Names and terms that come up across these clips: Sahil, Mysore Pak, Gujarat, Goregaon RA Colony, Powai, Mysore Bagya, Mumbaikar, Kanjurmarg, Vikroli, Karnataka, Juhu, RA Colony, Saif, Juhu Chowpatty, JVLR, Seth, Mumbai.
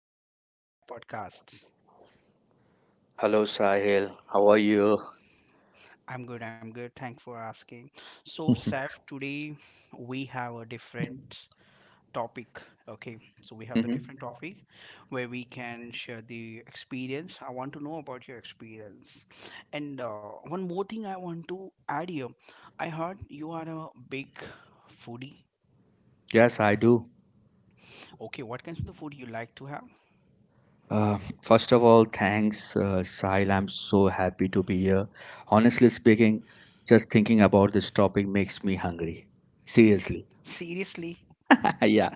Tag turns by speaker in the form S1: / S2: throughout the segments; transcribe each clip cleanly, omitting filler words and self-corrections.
S1: Welcome to my podcast.
S2: Hello, Sahil. How are you?
S1: I'm good. Thanks for asking. So, Saif, today we have a different topic. Okay. So, we have the
S2: hmm
S1: different topic where we can share the experience. I want to know about your experience. And one more thing I want to add here, I heard you are a big foodie.
S2: Yes, I do.
S1: Okay. What kinds of the food you like to have?
S2: First
S1: First
S2: of
S1: of
S2: all,
S1: all, thanks,
S2: thanks,
S1: Sai.
S2: Sahil. I'm
S1: I'm so
S2: so happy
S1: happy
S2: to
S1: to be
S2: be here.
S1: here.
S2: Honestly
S1: Honestly speaking,
S2: speaking,
S1: just
S2: just thinking
S1: thinking
S2: about
S1: about
S2: this
S1: this topic
S2: topic makes
S1: makes
S2: me
S1: me happy.
S2: hungry.
S1: Seriously.
S2: Seriously.
S1: Seriously?
S2: yeah.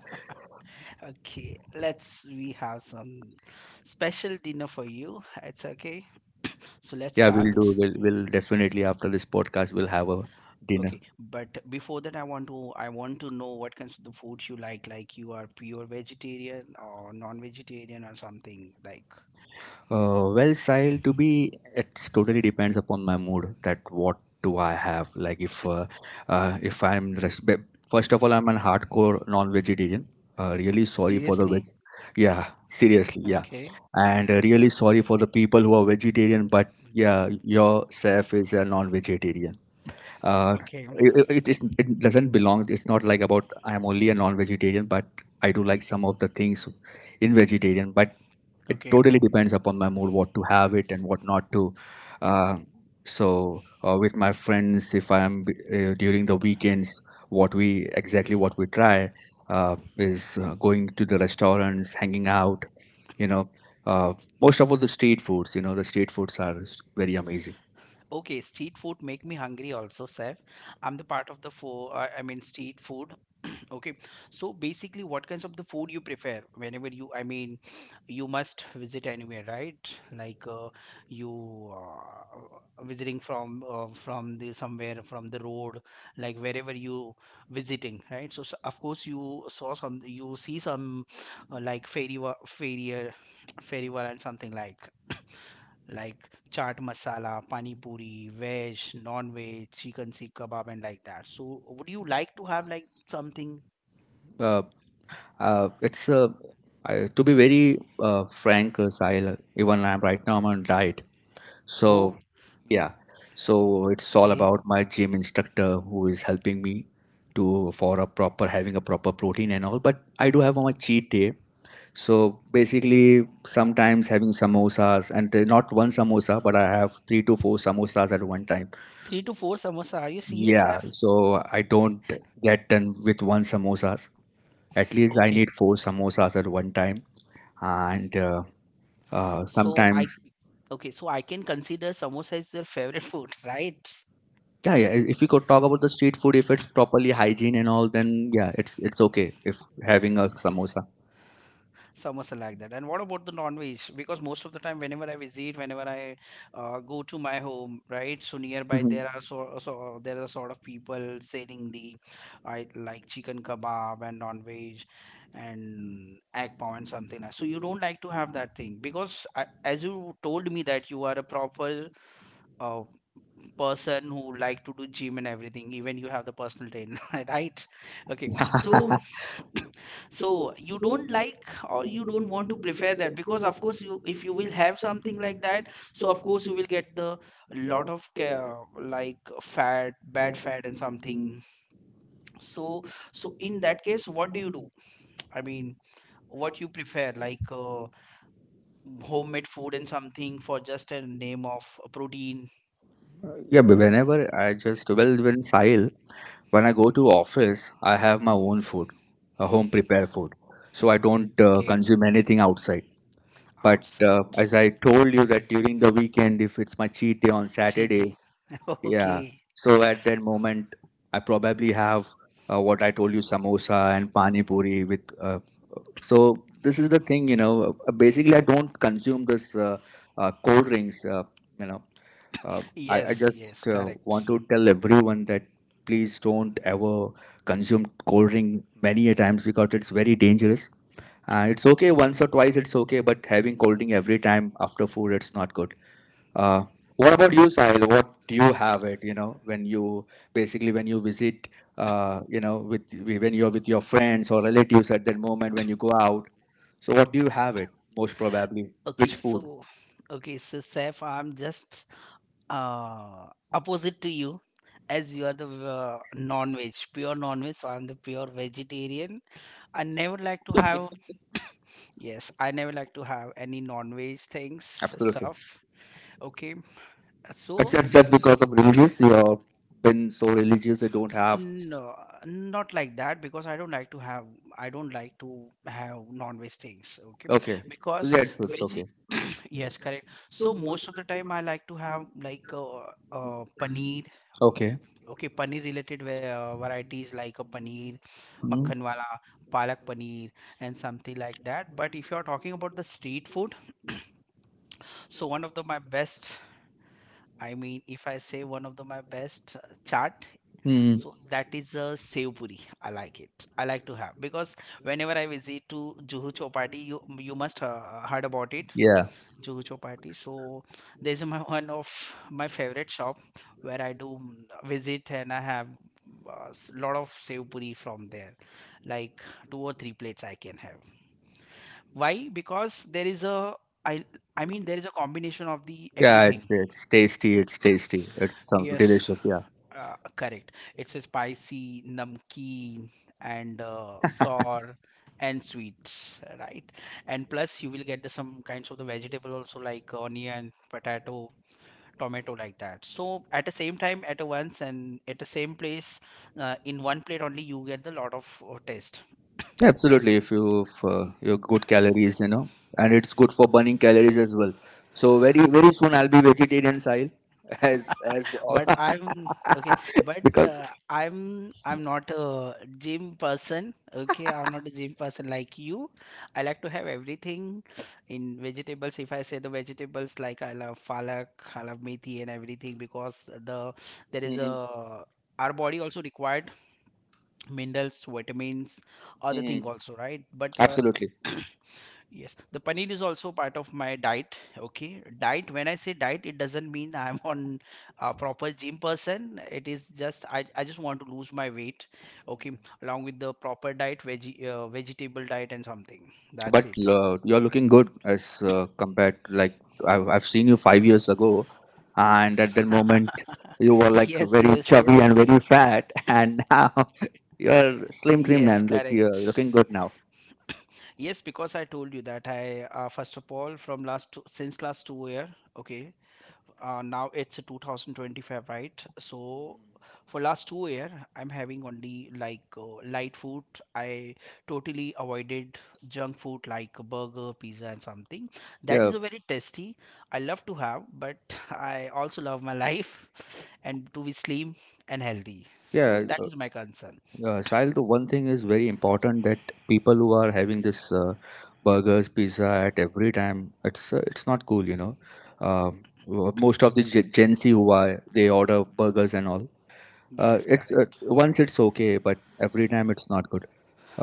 S1: Okay, let's we have some special dinner for you. It's okay. So let's, yeah,
S2: Yeah,
S1: start,
S2: we'll do.
S1: absolutely.
S2: We'll definitely, after this podcast, we'll have a dinner.
S1: Okay, but before that I want to know what kinds of the food you like. Like you are pure vegetarian or non-vegetarian or something. Like,
S2: Style to be, it's totally depends upon my mood. That what do I have? Like if first of all I'm an hardcore non-vegetarian. Really
S1: so,
S2: sorry for the veg.
S1: seriously?
S2: Yeah, seriously, yeah,
S1: Okay.
S2: and really sorry for the people who are vegetarian. But yeah, your chef is a non-vegetarian. uh,
S1: Okay.
S2: it doesn't belong, it's not like about I am only a non-vegetarian, but I do like some of the things in vegetarian. But it
S1: Okay.
S2: totally depends upon my mood what to have it and what not to. uh, with my friends, if I am during the weekends, what we try is going to the restaurants, hanging out, you know, uh, most of all the street foods, you know, the street foods are very amazing.
S1: Okay, street food make me hungry also, Seth. I'm the part of the four, I mean, street food. Okay, so basically, what kinds of the food you prefer whenever you, I mean, you must visit anywhere, right? Like uh, you visiting from the somewhere from the road, like wherever you visiting, right? So, s of course you you see some like and something like chaat masala, pani puri, veg, non-veg, chicken sikh kebab and like that. So, would you like to have like something?
S2: Uh, Uh, it's uh, to be very frank, Sahil, even I'm right now I'm on diet. So
S1: Oh,
S2: yeah, so it's all
S1: okay,
S2: about my gym instructor who is helping me to, for a proper, having a proper protein and all. But I do have my cheat day. So basically, sometimes having samosas and not one samosa, but I have three to four samosas at one time.
S1: three to four samosa. Are you serious,
S2: Yeah,
S1: Saf?
S2: so I don't get done with one samosas. At least I
S1: Okay,
S2: need four samosas at one time. And uh, uh,
S1: so I
S2: sometimes,
S1: okay, so I can consider samosa is your favorite food, right?
S2: yeah, yeah. If we could talk about the street food, if it's properly hygiene and all, then yeah, it's okay if having a samosa.
S1: Samosa like that. And what about the non-veg? Because most of the time, whenever I go to my home, right? So nearby
S2: Mhm.
S1: there are so there are sort of people selling the, I like chicken kebab and non-veg and egg pav and something like. So you don't like to have that thing because I, as you told me that you are a proper uh, person who like to do gym and everything. Even you have the personal trainer, right? Okay, so so you don't like or you don't want to prefer that because of course you if you will have something like that, so of course you will get the lot of like fat, bad fat and something. So so in that case what do you do, I mean, what you prefer like homemade food and something for just a name of a protein.
S2: Yeah, but whenever I just well when Sahil, when I go to office, I have my own food, a home prepared food, so I don't
S1: Okay,
S2: consume anything outside. But
S1: outside,
S2: as I told you that during the weekend, if it's my cheat day on
S1: cheat day.
S2: Saturdays, yeah.
S1: Okay.
S2: So at that moment, I probably have what I told you, samosa and pani puri with. So this is the thing, you know. Basically, I don't consume this cold drinks. You know, uh, I
S1: Yes, yes,
S2: just want
S1: correct.
S2: to tell everyone that please don't ever consume cold drink many a times because it's very dangerous. It's okay once or twice, it's okay, but having cold drink every time after food, it's not good. Uh, what about you, Sahil? What do you have it? You know, when you, basically when you visit, with when you're with your friends or relatives at that moment when you go out. So, what do you have it most probably?
S1: Okay,
S2: Which food?
S1: so okay, so Saif, I'm just uh opposite to you, as you are the non-veg, pure non-veg, so I'm the pure vegetarian. I never like to have, yes, I never like to have any non-veg things
S2: Absolutely.
S1: stuff. Okay, so
S2: Except just because of religious, you've been so religious, you don't have.
S1: no, not like that because I don't like to have non-veg things. Okay.
S2: Okay,
S1: Because
S2: that's it's
S1: veggie,
S2: okay.
S1: yes, correct, so most of the time I like to have like paneer.
S2: Okay.
S1: Okay, paneer related varieties like a paneer makhan wala, palak paneer and something like that. But if you're talking about the street food, so one of the my best, I mean if I say one of the my best chaat,
S2: Mm-hmm.
S1: so that is a sev puri. I like it. I like to have because whenever I visit to Juhu Chowpatty, you must heard about it.
S2: Yeah.
S1: Jujo party. So there's my one of my favorite shop where I do mm, visit and I have a lot of sev puri from there, like two or three plates I can have. Why? Because there is a, I I mean there is a combination of the, yeah,
S2: Yeah,
S1: everything.
S2: it's tasty. It's tasty. It's some
S1: Yes,
S2: delicious. Yeah.
S1: correct. It's a spicy, namkeen, and sour and sweets, right? And plus you will get the some kinds of the vegetable also like onion, potato, tomato like that, so at the same time at a once and at the same place in one plate only you get the lot of taste.
S2: Yeah, absolutely. If you if, your good calories, you know, and it's good for burning calories as well. So very very soon I'll be vegetarian style, as
S1: But I'm okay, but
S2: because
S1: I'm not a gym person, okay, I'm not a gym person like you. I like to have everything in vegetables. If I say the vegetables, like I love falak, I love methi and everything because the, there is a,
S2: mhm,
S1: our body also required minerals, vitamins, other thing
S2: mhm,
S1: also, right? but
S2: absolutely.
S1: yes, the paneer is also part of my diet. Okay, diet. When I say diet, it doesn't mean I'm on a proper gym person. It is just I just want to lose my weight. Okay, along with the proper diet, veggie vegetable diet and something. That's
S2: But
S1: it.
S2: you're looking good as compared to like I've seen you 5 years ago, and at that moment you were like
S1: Yes,
S2: very
S1: yes,
S2: chubby and very
S1: yes.
S2: fat, and now you're slim trim
S1: Yes,
S2: and like
S1: correct.
S2: you're looking good now.
S1: Yes, because I told you that I, first of all from last two, since last 2 year, okay, now it's 2025, right? So for last 2 year, I'm having only like light food. I totally avoided junk food like burger, pizza, and something. That
S2: Yeah,
S1: is a very tasty. I love to have, but I also love my life and to be slim and healthy. So
S2: yeah.
S1: that is my concern.
S2: Sahil, the one thing is very important that people who are having this burgers, pizza at every time, it's not cool, you know. Most of the Gen Z who are they order burgers and all,
S1: Yes,
S2: it's
S1: correct.
S2: once it's okay but every time it's not good.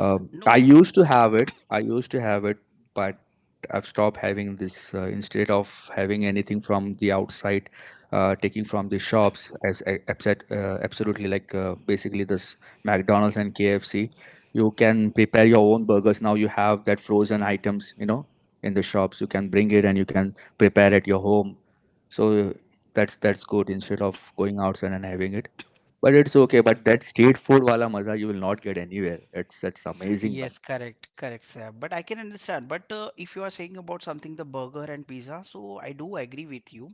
S1: No,
S2: I used to have it I used to have it but I've stopped having this. Instead of having anything from the outside, taking from the shops as a- upset absolutely like basically this McDonald's and KFC, you can prepare your own burgers. Now you have that frozen items, you know, in the shops. You can bring it and you can prepare at your home. so uh, that's good instead of going outside and having it. But it's okay. But that street food wala maza, you will not get anywhere. It's amazing, man.
S1: yes, correct, correct, sir. But I can understand. But if you are saying about something, the burger and pizza, so I do agree with you.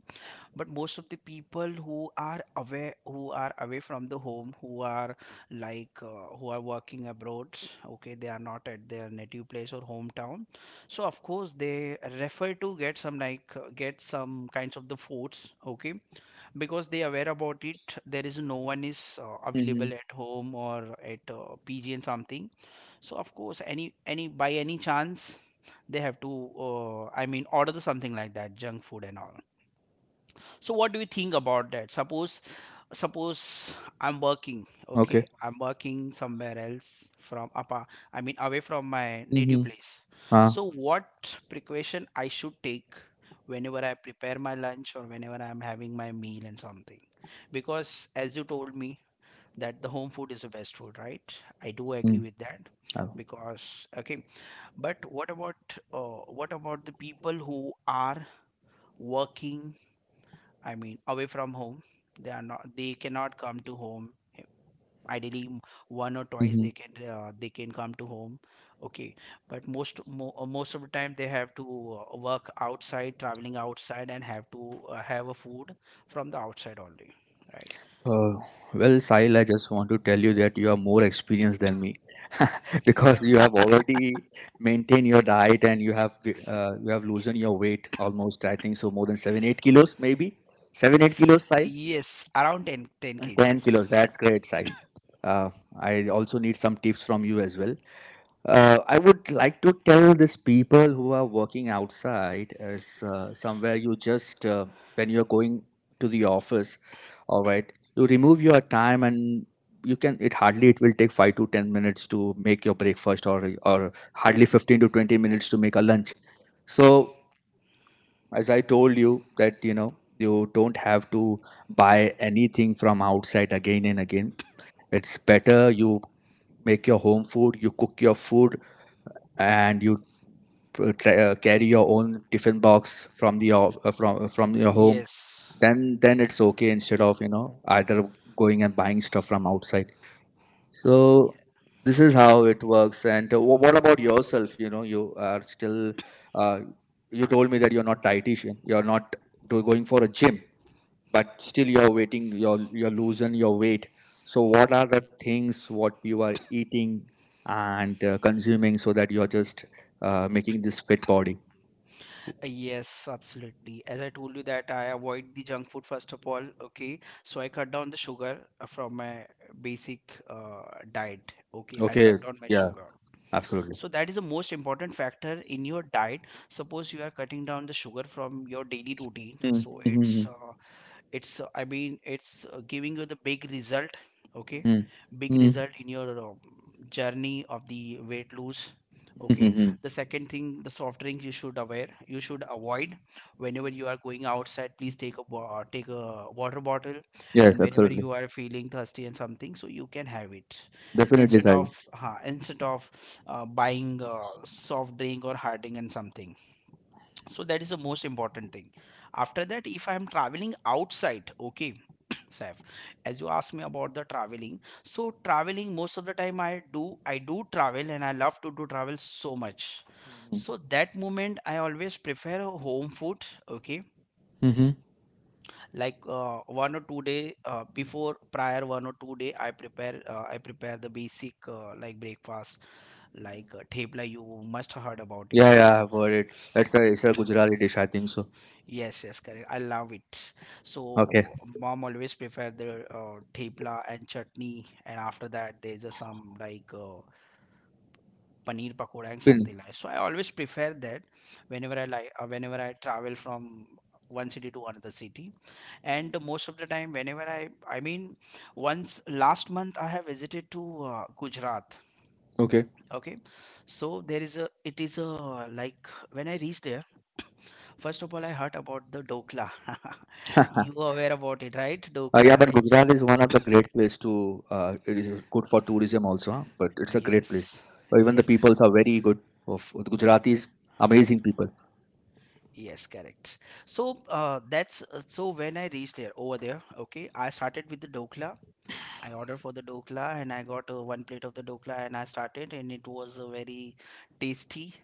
S1: But most of the people who are away from the home, who are like, who are working abroad, okay, they are not at their native place or hometown. So of course they refer to get some like get some kinds of the foods, okay, because they are aware about it. There is no one is
S2: Mm-hmm.
S1: available at home or at PG and something, so of course, any by any chance, they have to I mean order the something like that, junk food and all. So what do you think about that? Suppose I'm working,
S2: Okay.
S1: okay, I'm working somewhere else from apa, I mean away from my native
S2: Mm-hmm.
S1: place.
S2: Uh,
S1: So what precaution I should take whenever I prepare my lunch or whenever I'm having my meal and something? Because as you told me that the home food is the best food, right? I do agree with that
S2: uh,
S1: because, okay, but what about the people who are working? I mean, away from home. They are not. They cannot come to home. Eh, ideally, one or twice
S2: Mm-hmm.
S1: they can come to home. Okay, but most of the time they have to work outside, traveling outside, and have to have a food from the outside only, right?
S2: uh, Sahil, I just want to tell you that you are more experienced than me, because you have already maintained your diet and you have, you have loosened your weight almost. I think so, more than 7-8 kilos, maybe 7-8 kilos, Sahil.
S1: Yes, around ten
S2: Ten
S1: kgs.
S2: kilos. That's great, Sahil. Uh, I also need some tips from you as well. I would like to tell these people who are working outside as somewhere. You just, when you're going to the office, all right, you remove your time and you can, it hardly it will take 5 to 10 minutes to make your breakfast, or hardly 15 to 20 minutes to make a lunch. So as I told you that, you know, you don't have to buy anything from outside again and again. It's better you make your home food, you cook your food, and you carry your own tiffin box from the off, from your home.
S1: Yes.
S2: Then it's okay, instead of, you know, either going and buying stuff from outside.
S1: Y-
S2: So this is how it works. And what about yourself? You know, you are still, uh, you told me that you're not dietitian, you're not going for a gym, but still you're waiting, you're losing your weight. So what are the things what you are eating and consuming, so that you're just making this fit body?
S1: Yes, absolutely. As I told you that I avoid the junk food first of all, okay? So I cut down the sugar from my basic uh, diet, okay? I
S2: Okay.
S1: cut down my
S2: Yeah.
S1: sugar.
S2: Absolutely.
S1: So that is the most important factor in your diet. Suppose you are cutting down the sugar from your daily routine,
S2: Mm,
S1: so it's
S2: mhm,
S1: giving you the big result, okay,
S2: mhm,
S1: big
S2: mhm,
S1: result in your journey of the weight loss,
S2: mhm,
S1: okay.
S2: mhm.
S1: The second thing, the soft drink, you should aware, you should avoid. Whenever you are going outside, please take a take a water bottle, and
S2: Yes,
S1: whenever
S2: absolutely.
S1: you are feeling thirsty and something, so you can have it
S2: Definitely,
S1: instead
S2: Sahil.
S1: of uh, instead of buying soft drink or hard drink and something. So that is the most important thing. After that if I am traveling outside, okay, Saif, as you asked me about the traveling, so traveling most of the time I do travel and I love to do travel so much. So that moment I always prefer a home food, okay,
S2: Mm-hmm.
S1: like 1 or 2 day before prior 1 or 2 day I prepare I prepare the basic like breakfast, like thepla, you must heard about it.
S2: Yeah. Yeah. I've heard it. It's a Gujarati dish, I think so.
S1: Yes, yes, correct. I love it. So
S2: Okay.
S1: okay, mom always prefer the thepla and chutney, and after that there's a some like paneer pakoda and
S2: Pin.
S1: something like. So I always prefer that whenever I like whenever I travel from one city to another city, and most of the time whenever I mean once last month I have visited to Gujarat,
S2: Okay.
S1: okay, so there is a, it is a like when I reached there, first of all I heard about the dokla. You are aware about it, right? Dokla,
S2: Yeah, but
S1: it's a-
S2: Gujarat is one of the great place to. It is good for tourism also, huh? But it's a great place.
S1: yes,
S2: Or even the
S1: yes,
S2: peoples are very good. Of the Gujaratis, amazing people.
S1: yes, correct. So that's so when I reached there over there, okay, I started with the dokla. I ordered for the dokla and I got one plate of the dokla and I started, and it was very tasty,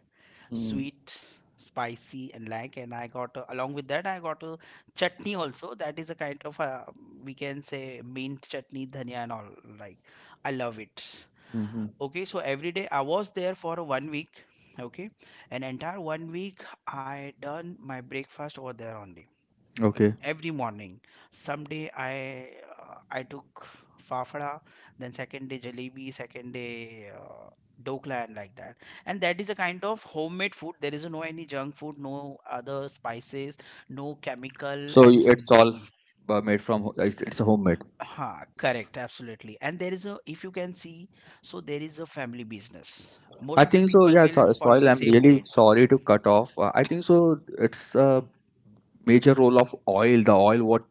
S2: Mm-hmm.
S1: sweet, spicy, and, like, and I got, along with that I got a chutney also. That is a kind of, we can say, mint chutney, dhania and all, like. I love it. Okay, so every day I was there for one week. Okay, an entire one week I done my breakfast over there only,
S2: Okay.
S1: every morning. Someday I took fafda, then second day jalebi, second day dokla, and like that. And that is a kind of homemade food. There is no any junk food, no other spices, no chemical
S2: So
S1: and
S2: it's all
S1: something.
S2: made from, it's homemade.
S1: Ha, correct, absolutely. And there is a, if you can see, so there is a family business.
S2: I
S1: Most of the
S2: think so.
S1: people
S2: Yeah, so,
S1: will follow
S2: soil.
S1: the
S2: I'm
S1: same
S2: really
S1: trend.
S2: sorry to cut off. I think so, it's a major role of oil. The oil what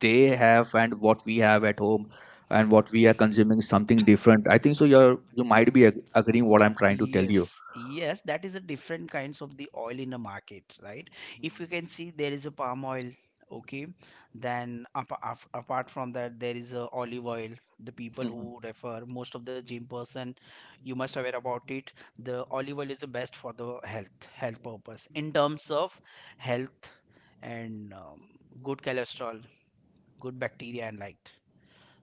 S2: they have and what we have at home, and what we are consuming is something different. I think so. You're, you might be agreeing what I'm trying to tell you.
S1: Yes, yes, that is a different kinds of the oil in the market, right? If you can see, there is a palm oil, okay. Then apart from that, there is a olive oil. The people who
S2: Mhm.
S1: refer most of the gym person, you must aware about it. The olive oil is the best for the health purpose in terms of health and, good cholesterol, good bacteria, and like.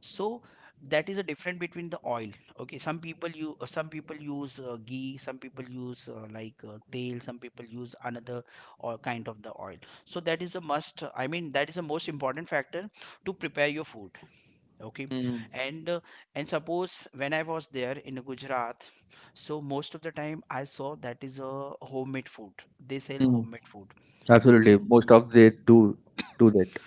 S1: So that is a difference between the oil. Okay, some people, you some people use ghee, some people use tail, some people use another or kind of the oil. So that is a must, I mean, that is the most important factor to prepare your food. Okay.
S2: Mhm.
S1: And suppose when I was there in Gujarat, so most of the time I saw that is a homemade food. They sell
S2: Mhm.
S1: homemade food.
S2: Absolutely,
S1: Okay.
S2: most of they do that.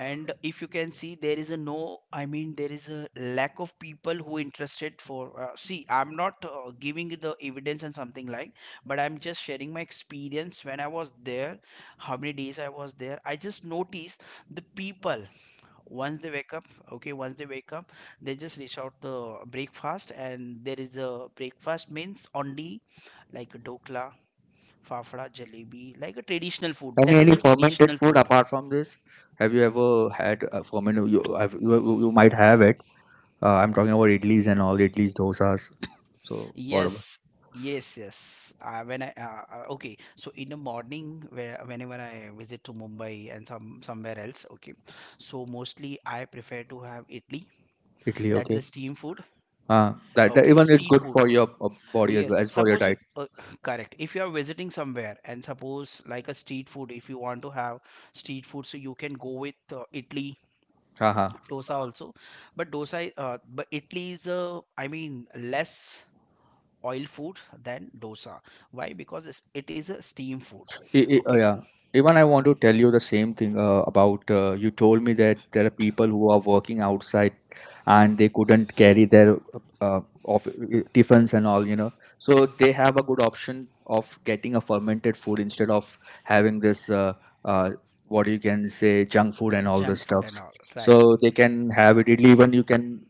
S1: And if you can see, there is a no, I mean, there is a lack of people who interested for, see, I'm not giving the evidence and something like, but I'm just sharing my experience. When I was there, how many days I was there, I just noticed the people. Once they wake up, okay, once they wake up, they just reach out the breakfast. And there is a breakfast means only like a dokla, fafda, jalebi, like a traditional food. That is
S2: Any
S1: a
S2: fermented
S1: traditional
S2: food
S1: food.
S2: apart from this? Have you ever had fermented? You, have, you might have it. I'm talking about idlis and all, idlis, dosas. So what about
S1: Yes, yes, yes. When I okay, so in the morning, where whenever I visit to Mumbai and somewhere else, okay, so mostly I prefer to have idli.
S2: Italy?
S1: That's
S2: Okay.
S1: the steam food.
S2: That, that
S1: Okay,
S2: even it's
S1: street
S2: good
S1: food.
S2: for your body as
S1: Yes,
S2: well as for your
S1: suppose you,
S2: diet.
S1: correct. If you are visiting somewhere and suppose like a street food, if you want to have street food, so you can go with idli,
S2: Haha.
S1: dosa also. But dosa, but idli is I mean, less oil food than dosa. Why? Because it is a steam food.
S2: Oh,
S1: Okay.
S2: yeah. Even I want to tell you the same thing about, you told me that there are people who are working outside and they couldn't carry their uh, of tiffins and all, you know. So they have a good option of getting a fermented food instead of having this uh, what you can say junk food and all the
S1: Junk food and
S2: stuffs.
S1: all, right.
S2: So they can have it. Idli, even you can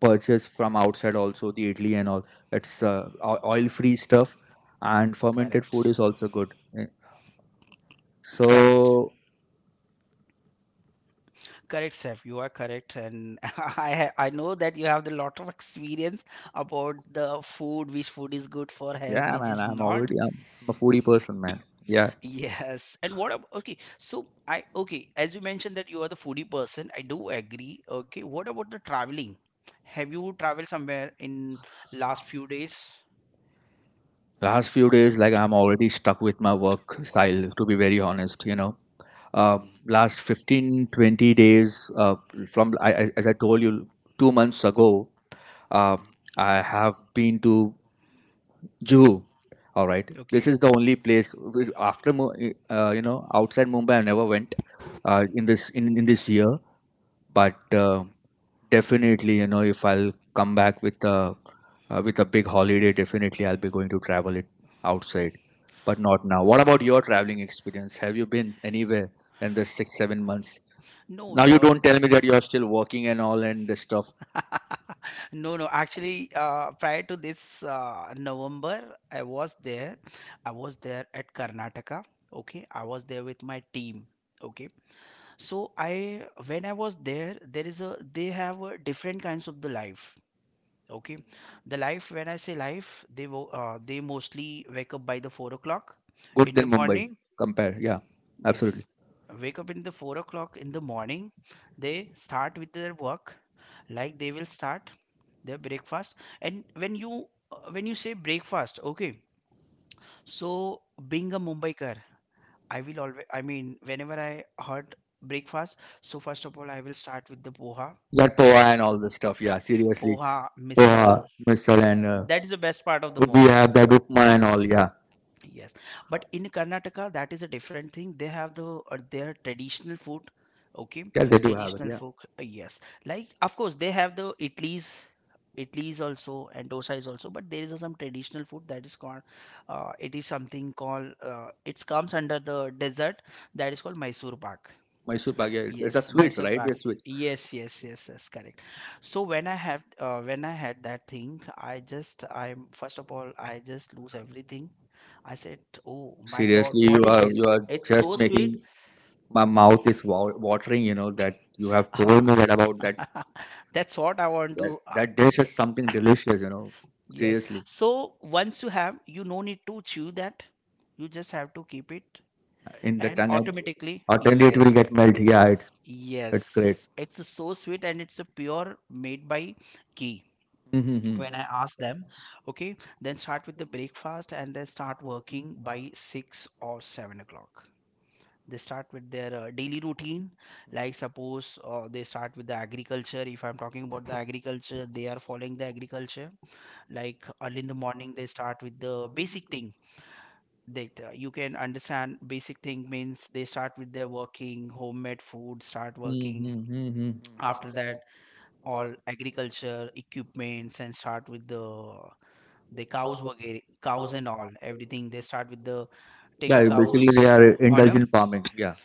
S2: purchase from outside also the idli and all. It's oil free stuff, and fermented food
S1: Correct,
S2: is also good. Eh,
S1: correct,
S2: so
S1: correct, Seth. You are correct. And I know that you have a lot of experience about the food, which food is good for health,
S2: yeah,
S1: which
S2: man,
S1: is
S2: I'm
S1: not.
S2: already I'm a foodie person, man. Yeah.
S1: Yes. And what about, okay, so I, okay, as you mentioned that you are the foodie person, I do agree. Okay, what about the traveling? Have you traveled somewhere in last few days?
S2: Last few days, like I'm already stuck with my work style, to be very honest, you know. Last 15, 20 days, from as I told you 2 months ago, I have been to Juhu. All right,
S1: Okay.
S2: this is the only place after you know, outside Mumbai I never went in this, in this year. But definitely, you know, if I'll come back with a, with a big holiday, definitely I'll be going to travel it outside, but not now. What about your traveling experience? Have you been anywhere in the 6 7 months?
S1: No,
S2: Now you
S1: the
S2: don't tell me that you're still working and all and this stuff.
S1: No, no. Actually, prior to this November, I was there. I was there at Karnataka. Okay, I was there with my team. Okay, so I when I was there, there is a, they have a different kinds of the life. Okay, the life, when I say life, they they mostly wake up by the 4 o'clock
S2: Good
S1: in the
S2: than Mumbai
S1: morning.
S2: compare, yeah, absolutely.
S1: Yes. Wake up in the 4 o'clock in the morning. They start with their work, like they will start their breakfast. And when you say breakfast, okay. So being a Mumbaikar, I will always, I mean, whenever I heard breakfast, so first of all, I will start with the poha.
S2: That poha and all this stuff, yeah, seriously.
S1: Poha, misal.
S2: Poha, misal, and
S1: That is the best part of the
S2: we
S1: Mumbai.
S2: have that upma and all, yeah.
S1: Yes, but in Karnataka, that is a different thing. They have the their traditional food. Okay,
S2: Yeah, they do have it,
S1: traditional
S2: yeah.
S1: food. Yes, like of course they have the idlis, idlis also, and dosa is also. But there is some traditional food that is called, it is something called, it comes under the desert, that is called Mysore Pak.
S2: Mysore Bagya, it's a
S1: Yes,
S2: sweets,
S1: Mysore
S2: right?
S1: Pak.
S2: They're sweet.
S1: Yes, yes, yes, yes, correct. So when I have when I had that thing, I first of all, I just lose everything. I said, "Oh my God,
S2: Seriously, you
S1: what is
S2: are,
S1: this?
S2: you are
S1: It's
S2: just
S1: so sweet."
S2: making my mouth is watering. You know that you have told
S1: Ah,
S2: me that about that,
S1: That's what I want
S2: that
S1: to.
S2: that dish is something delicious. You know,
S1: Yes.
S2: seriously,
S1: So once you have, you no need to chew that. You just have to keep it,
S2: in the
S1: and
S2: tongue, and
S1: automatically,
S2: utterly it will
S1: yes.
S2: get melt. Yeah, it's great.
S1: Yes, it's so sweet, and it's a pure made by ghee.
S2: Mm-hmm.
S1: When I ask them, okay, then start with the breakfast and then start working by 6 or 7 o'clock. They start with their daily routine. Like, suppose they start with the agriculture. If I'm talking about the agriculture, they are following the agriculture, like early in the morning. They start with the basic thing, data, you can understand. Basic thing means they start with their working, homemade food, start working.
S2: Mm-hmm.
S1: After that, all agriculture equipments, and start with the cows were getting, cows and all, everything. They start with the, take a
S2: Yeah, basically
S1: cows
S2: they are
S1: on a.
S2: indulgent farming. Yeah,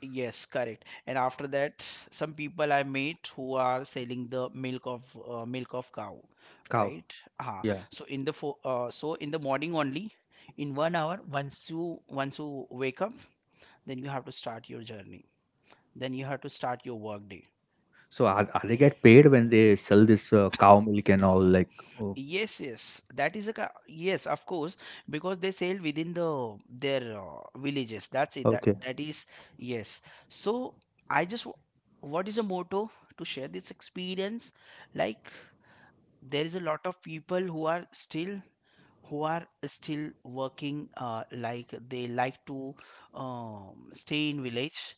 S1: Yes, correct. And after that, some people I meet who are selling the milk of, cow,
S2: cow.
S1: right? Uh,
S2: Yeah.
S1: so in the morning only, in one hour, once you wake up, then you have to start your journey, then you have to start your work day.
S2: So are they get paid when they sell this cow milk and all? Like, oh,
S1: Yes, yes, that is a yes, of course, because they sail within the their villages. That's it. That
S2: okay.
S1: that is. Yes. So i just w- what is a motto to share this experience. Like, there is a lot of people who are still, who are still working, like they like to, stay in village.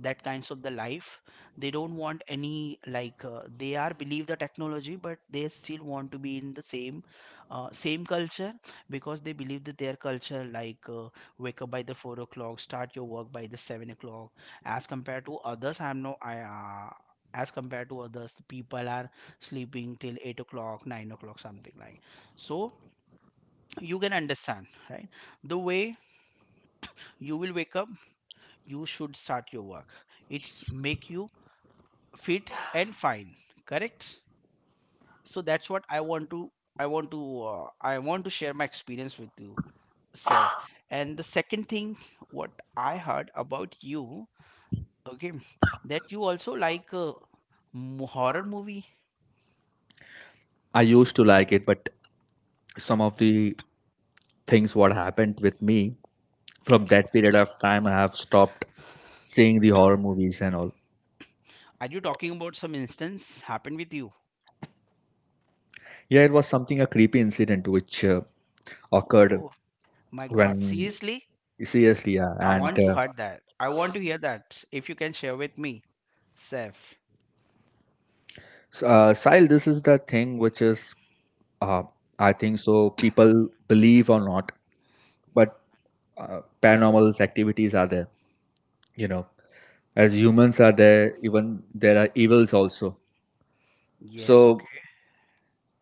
S1: That kinds of the life, they don't want any, like, they are believe the technology, but they still want to be in the same culture. Because they believe that their culture, like, wake up by the 4 o'clock, start your work by the 7 o'clock. As compared to others, I'm no I as compared to others, the people are sleeping till 8 o'clock, 9 o'clock, something like. So you can understand, right, the way you will wake up, you should start your work. It's make you fit and fine. Correct. So that's what I want to, I want to share my experience with you, Seth. And the second thing, what I heard about you, okay, that you also like horror movie.
S2: I used to like it, but some of the things what happened with me from
S1: Okay,
S2: that period of time I have stopped seeing the horror movies and all.
S1: are you talking about some instance happened with you?
S2: Yeah, it was something a creepy incident which occurred
S1: Oh my
S2: when,
S1: God, seriously,
S2: seriously. Yeah,
S1: I
S2: and
S1: want to
S2: uh,
S1: hear that, I want to hear that, if you can share with me, Seth.
S2: s- uh, Sahil, this is the thing which is, uh, I think so people believe or not, but paranormal activities are there, you know. As humans are there, even there are evils also.
S1: Yes, okay.
S2: so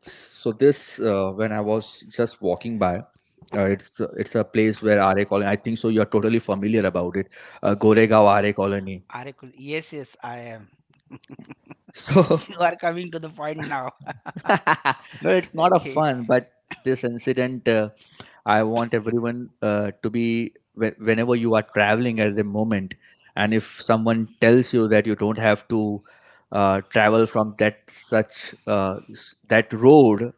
S2: So this, when I was just walking by, it's a place where RA Colony. I think so. You are totally familiar about it, Goregaon RA Colony.
S1: Arikul. Yes, yes, I am.
S2: So
S1: You are coming to the point now.
S2: no, it's not a
S1: Okay.
S2: fun, but this incident, I want everyone to be whenever you are traveling at the moment, and if someone tells you that you don't have to travel from that such that road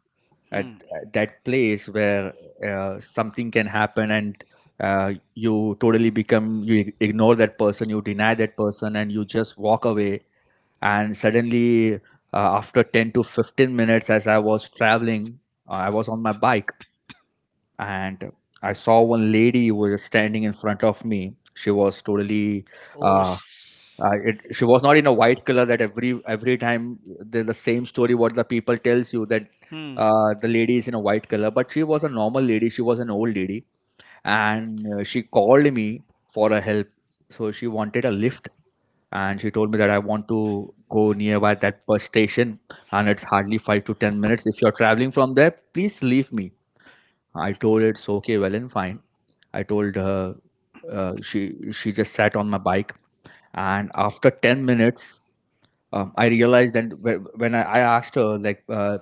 S2: at,
S1: Hmm.
S2: at that place where something can happen, and you totally become, you ignore that person, you deny that person and you just walk away. And suddenly, after 10 to 15 minutes, as I was traveling, I was on my bike, and I saw one lady who was standing in front of me. She was totally
S1: Oh,
S2: uh,
S1: sh-
S2: she was not in a white color that every time, the same story what the people tells you, that
S1: Hmm.
S2: the lady is in a white color, but she was a normal lady, she was an old lady. And she called me for a help. So she wanted a lift, and she told me that I want to go nearby that bus station, and it's hardly 5 to 10 minutes if you're traveling from there, please leave me. I told it's okay, well and fine. I told her, she just sat on my bike, and after 10 minutes, I realized then when I asked her, like,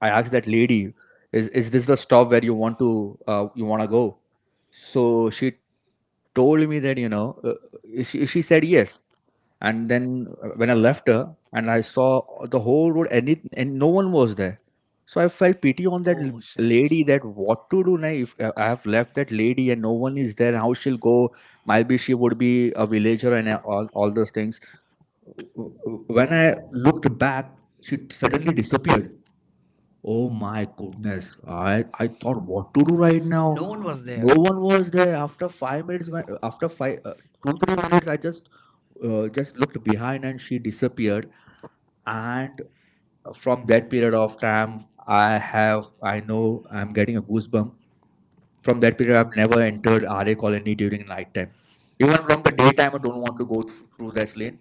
S2: I asked that lady, is this the stop where you want to, you want to go?" So she told me that, you know, she said yes. And then when I left her and I saw the whole road, any and no one was there, so I felt pity on that
S1: Oh, shit.
S2: lady. That what to do now if I have left that lady and no one is there? How she'll go? Maybe she would be a villager and all those things. When I looked back, she suddenly disappeared. Oh my goodness. I thought what to do right
S1: No one
S2: now.
S1: was there.
S2: No one was there. After 5 minutes, after five, two, 3 minutes, I just looked behind and she disappeared. And from that period of time, I know I'm getting a goosebump. From that period, I've never entered RA colony during night time. Even from the daytime, I don't want to go through this lane.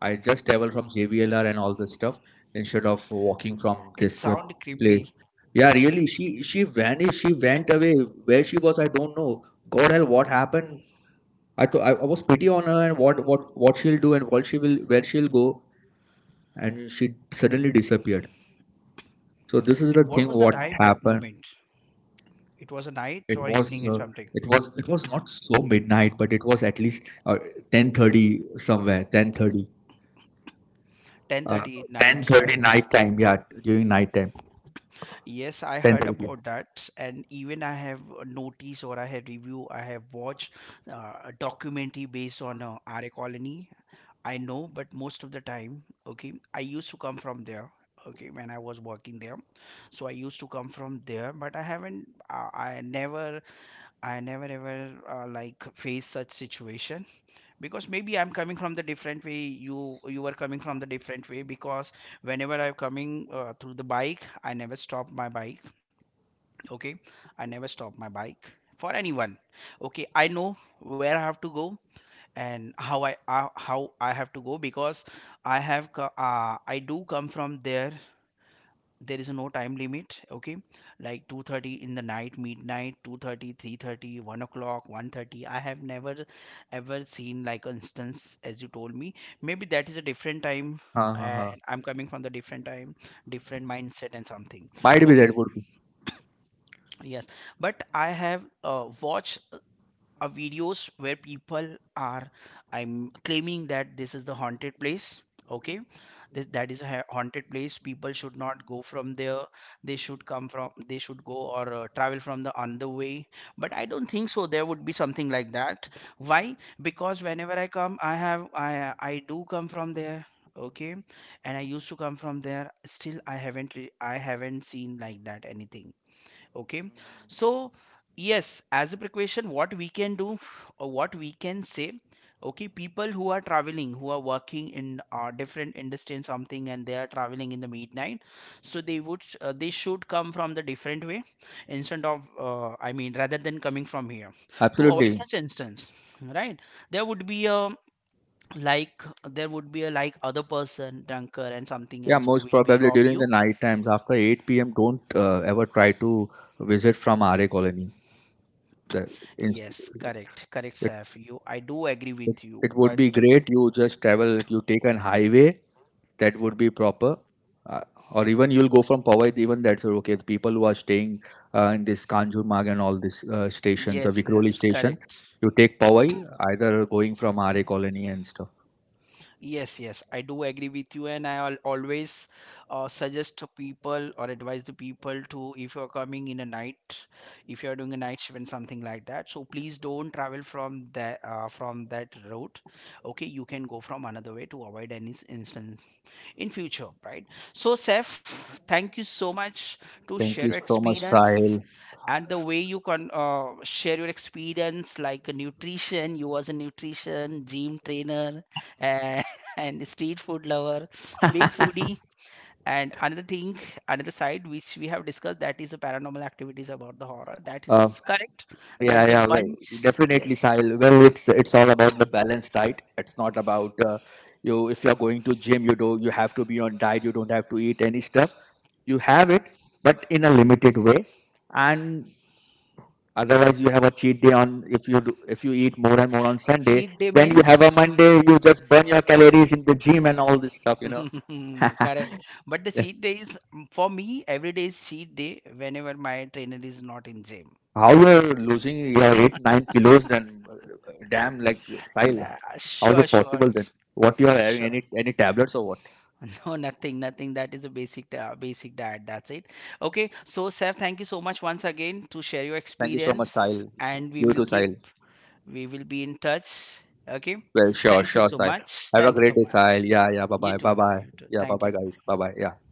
S2: I just travel from JVLR and all this stuff instead of walking from
S1: It
S2: this
S1: sounded creepy.
S2: place. Yeah, really, she vanished. She went away. Where she was, I don't know. God help, what happened? I thought I was pity on her and what what she'll do and what she will, where she'll go, and she suddenly disappeared. So this is the
S1: And what
S2: thing.
S1: was the
S2: What
S1: time that
S2: happened?
S1: moment? It was a night
S2: It
S1: or
S2: was
S1: evening or something.
S2: it was not so midnight, but it was at least, 10:30 somewhere. 10:30. Uh,
S1: 10:30 at
S2: ten
S1: night,
S2: thirty
S1: right?
S2: night time. Yeah, during night time.
S1: Yes, I
S2: Ten
S1: heard
S2: thirty. p
S1: about
S2: m.
S1: that, and even I have noticed, or I have review, I have watched a documentary based on RA Colony. I know, but most of the time, okay, I used to come from there. Okay, when I was working there, so I used to come from there, but I haven't. I never ever like faced such situation. Because maybe I'm coming from the different way. You were coming from the different way, because whenever I'm coming through the bike, I never stop my bike. Okay, I never stop my bike for anyone. Okay, I know where I have to go and how I have to go. Because I do come from there. There is no time limit, okay. Like 2:30 in the night, midnight, 2:30, 3:30, 1 o'clock, 1:30. I have never ever seen like instance as you told me. Maybe that is a different time,
S2: Uh, uh,
S1: and
S2: uh.
S1: I'm coming from the different time, different mindset and something.
S2: Might be
S1: Okay.
S2: that would be,
S1: Yes. But I have watched videos where people are, I'm claiming that this is the haunted place, okay. This, that is a haunted place, people should not go from there, they should come from, they should go or travel from the other way. But I don't think so there would be something like that. Why? Because whenever I come, I have, I do come from there, okay. And I used to come from there, still I haven't, I haven't seen like that anything, okay. So yes, as a precaution, what we can do, or what we can say, okay, people who are traveling, who are working in different industry and something, and they are traveling in the midnight, so they would, they should come from the different way instead of, I mean, rather than coming from here, to
S2: absolutely.
S1: avoid such instance, right. There would be a, like, there would be a, like, other person drunker and something
S2: Yeah,
S1: else who
S2: most
S1: will be
S2: probably
S1: rob
S2: during the
S1: you.
S2: night times after eight p.m. don't ever try to visit from RA colony. The, in,
S1: Yes, correct, correct, Saif. You, I do agree with
S2: It
S1: you,
S2: would
S1: but,
S2: be great. You just travel, you take an highway, that would be proper. Uh, or even you'll go from Powai, even that's okay. The people who are staying in this Kanjurmarg and all these stations, or yes,
S1: yes,
S2: Vikroli
S1: yes,
S2: station,
S1: correct.
S2: you take Powai, either going from RA colony and stuff.
S1: Yes, yes, I do agree with you, and I al always suggest to people, or advise the people to, if you're coming in a night, if you're doing a night shift and something like that, so please don't travel from that, from that route. Okay, you can go from another way to avoid any instance in future, right. So Seth, thank you so much to share
S2: Thank
S1: your
S2: you so much,
S1: experience,
S2: Sahil.
S1: and the way you can share your experience like a nutrition, you was a nutrition gym trainer uh, and street food lover, big foodie. And another thing, another side which we have discussed, that is the paranormal activities about the horror, that is
S2: Uh,
S1: correct. That
S2: Yeah,
S1: is a
S2: yeah, well,
S1: bunch.
S2: definitely,
S1: Yes.
S2: Sahil. Well, it's all about the balance, right? It's not about you. If you're going to gym, you have to be on diet. You don't have to eat any stuff. You have it, but in a limited way. And otherwise, you have a cheat day on if you do, if you eat more and more on Sunday.
S1: Cheat day
S2: Then you
S1: means.
S2: have a Monday. You just burn your calories in the gym and all this stuff. You know.
S1: Correct. But the cheat day is, for me every day is cheat day whenever my trainer is not in gym.
S2: How you're losing your 8 9 kilos? Then damn, like Sahil,
S1: Nah,
S2: how is
S1: sure,
S2: it
S1: sure.
S2: possible then? What you are having,
S1: Sure.
S2: any tablets or what?
S1: No, nothing, nothing. That is a basic, basic diet. That's it. Okay. So, Seth, thank you so much once again to share your
S2: Thank you so much,
S1: experience,
S2: Sahil.
S1: and we
S2: You
S1: will
S2: too,
S1: keep.
S2: Sahil.
S1: We will be in touch. Okay.
S2: Well, sure,
S1: Thank you
S2: sure,
S1: so
S2: Sahil.
S1: much.
S2: Have a
S1: Thank you
S2: great
S1: so
S2: day,
S1: much.
S2: Sahil. Yeah, yeah. Bye,
S1: You
S2: bye,
S1: too.
S2: bye, bye.
S1: You too.
S2: Yeah, bye,
S1: Thank
S2: bye,
S1: you.
S2: guys. Bye, bye. Yeah.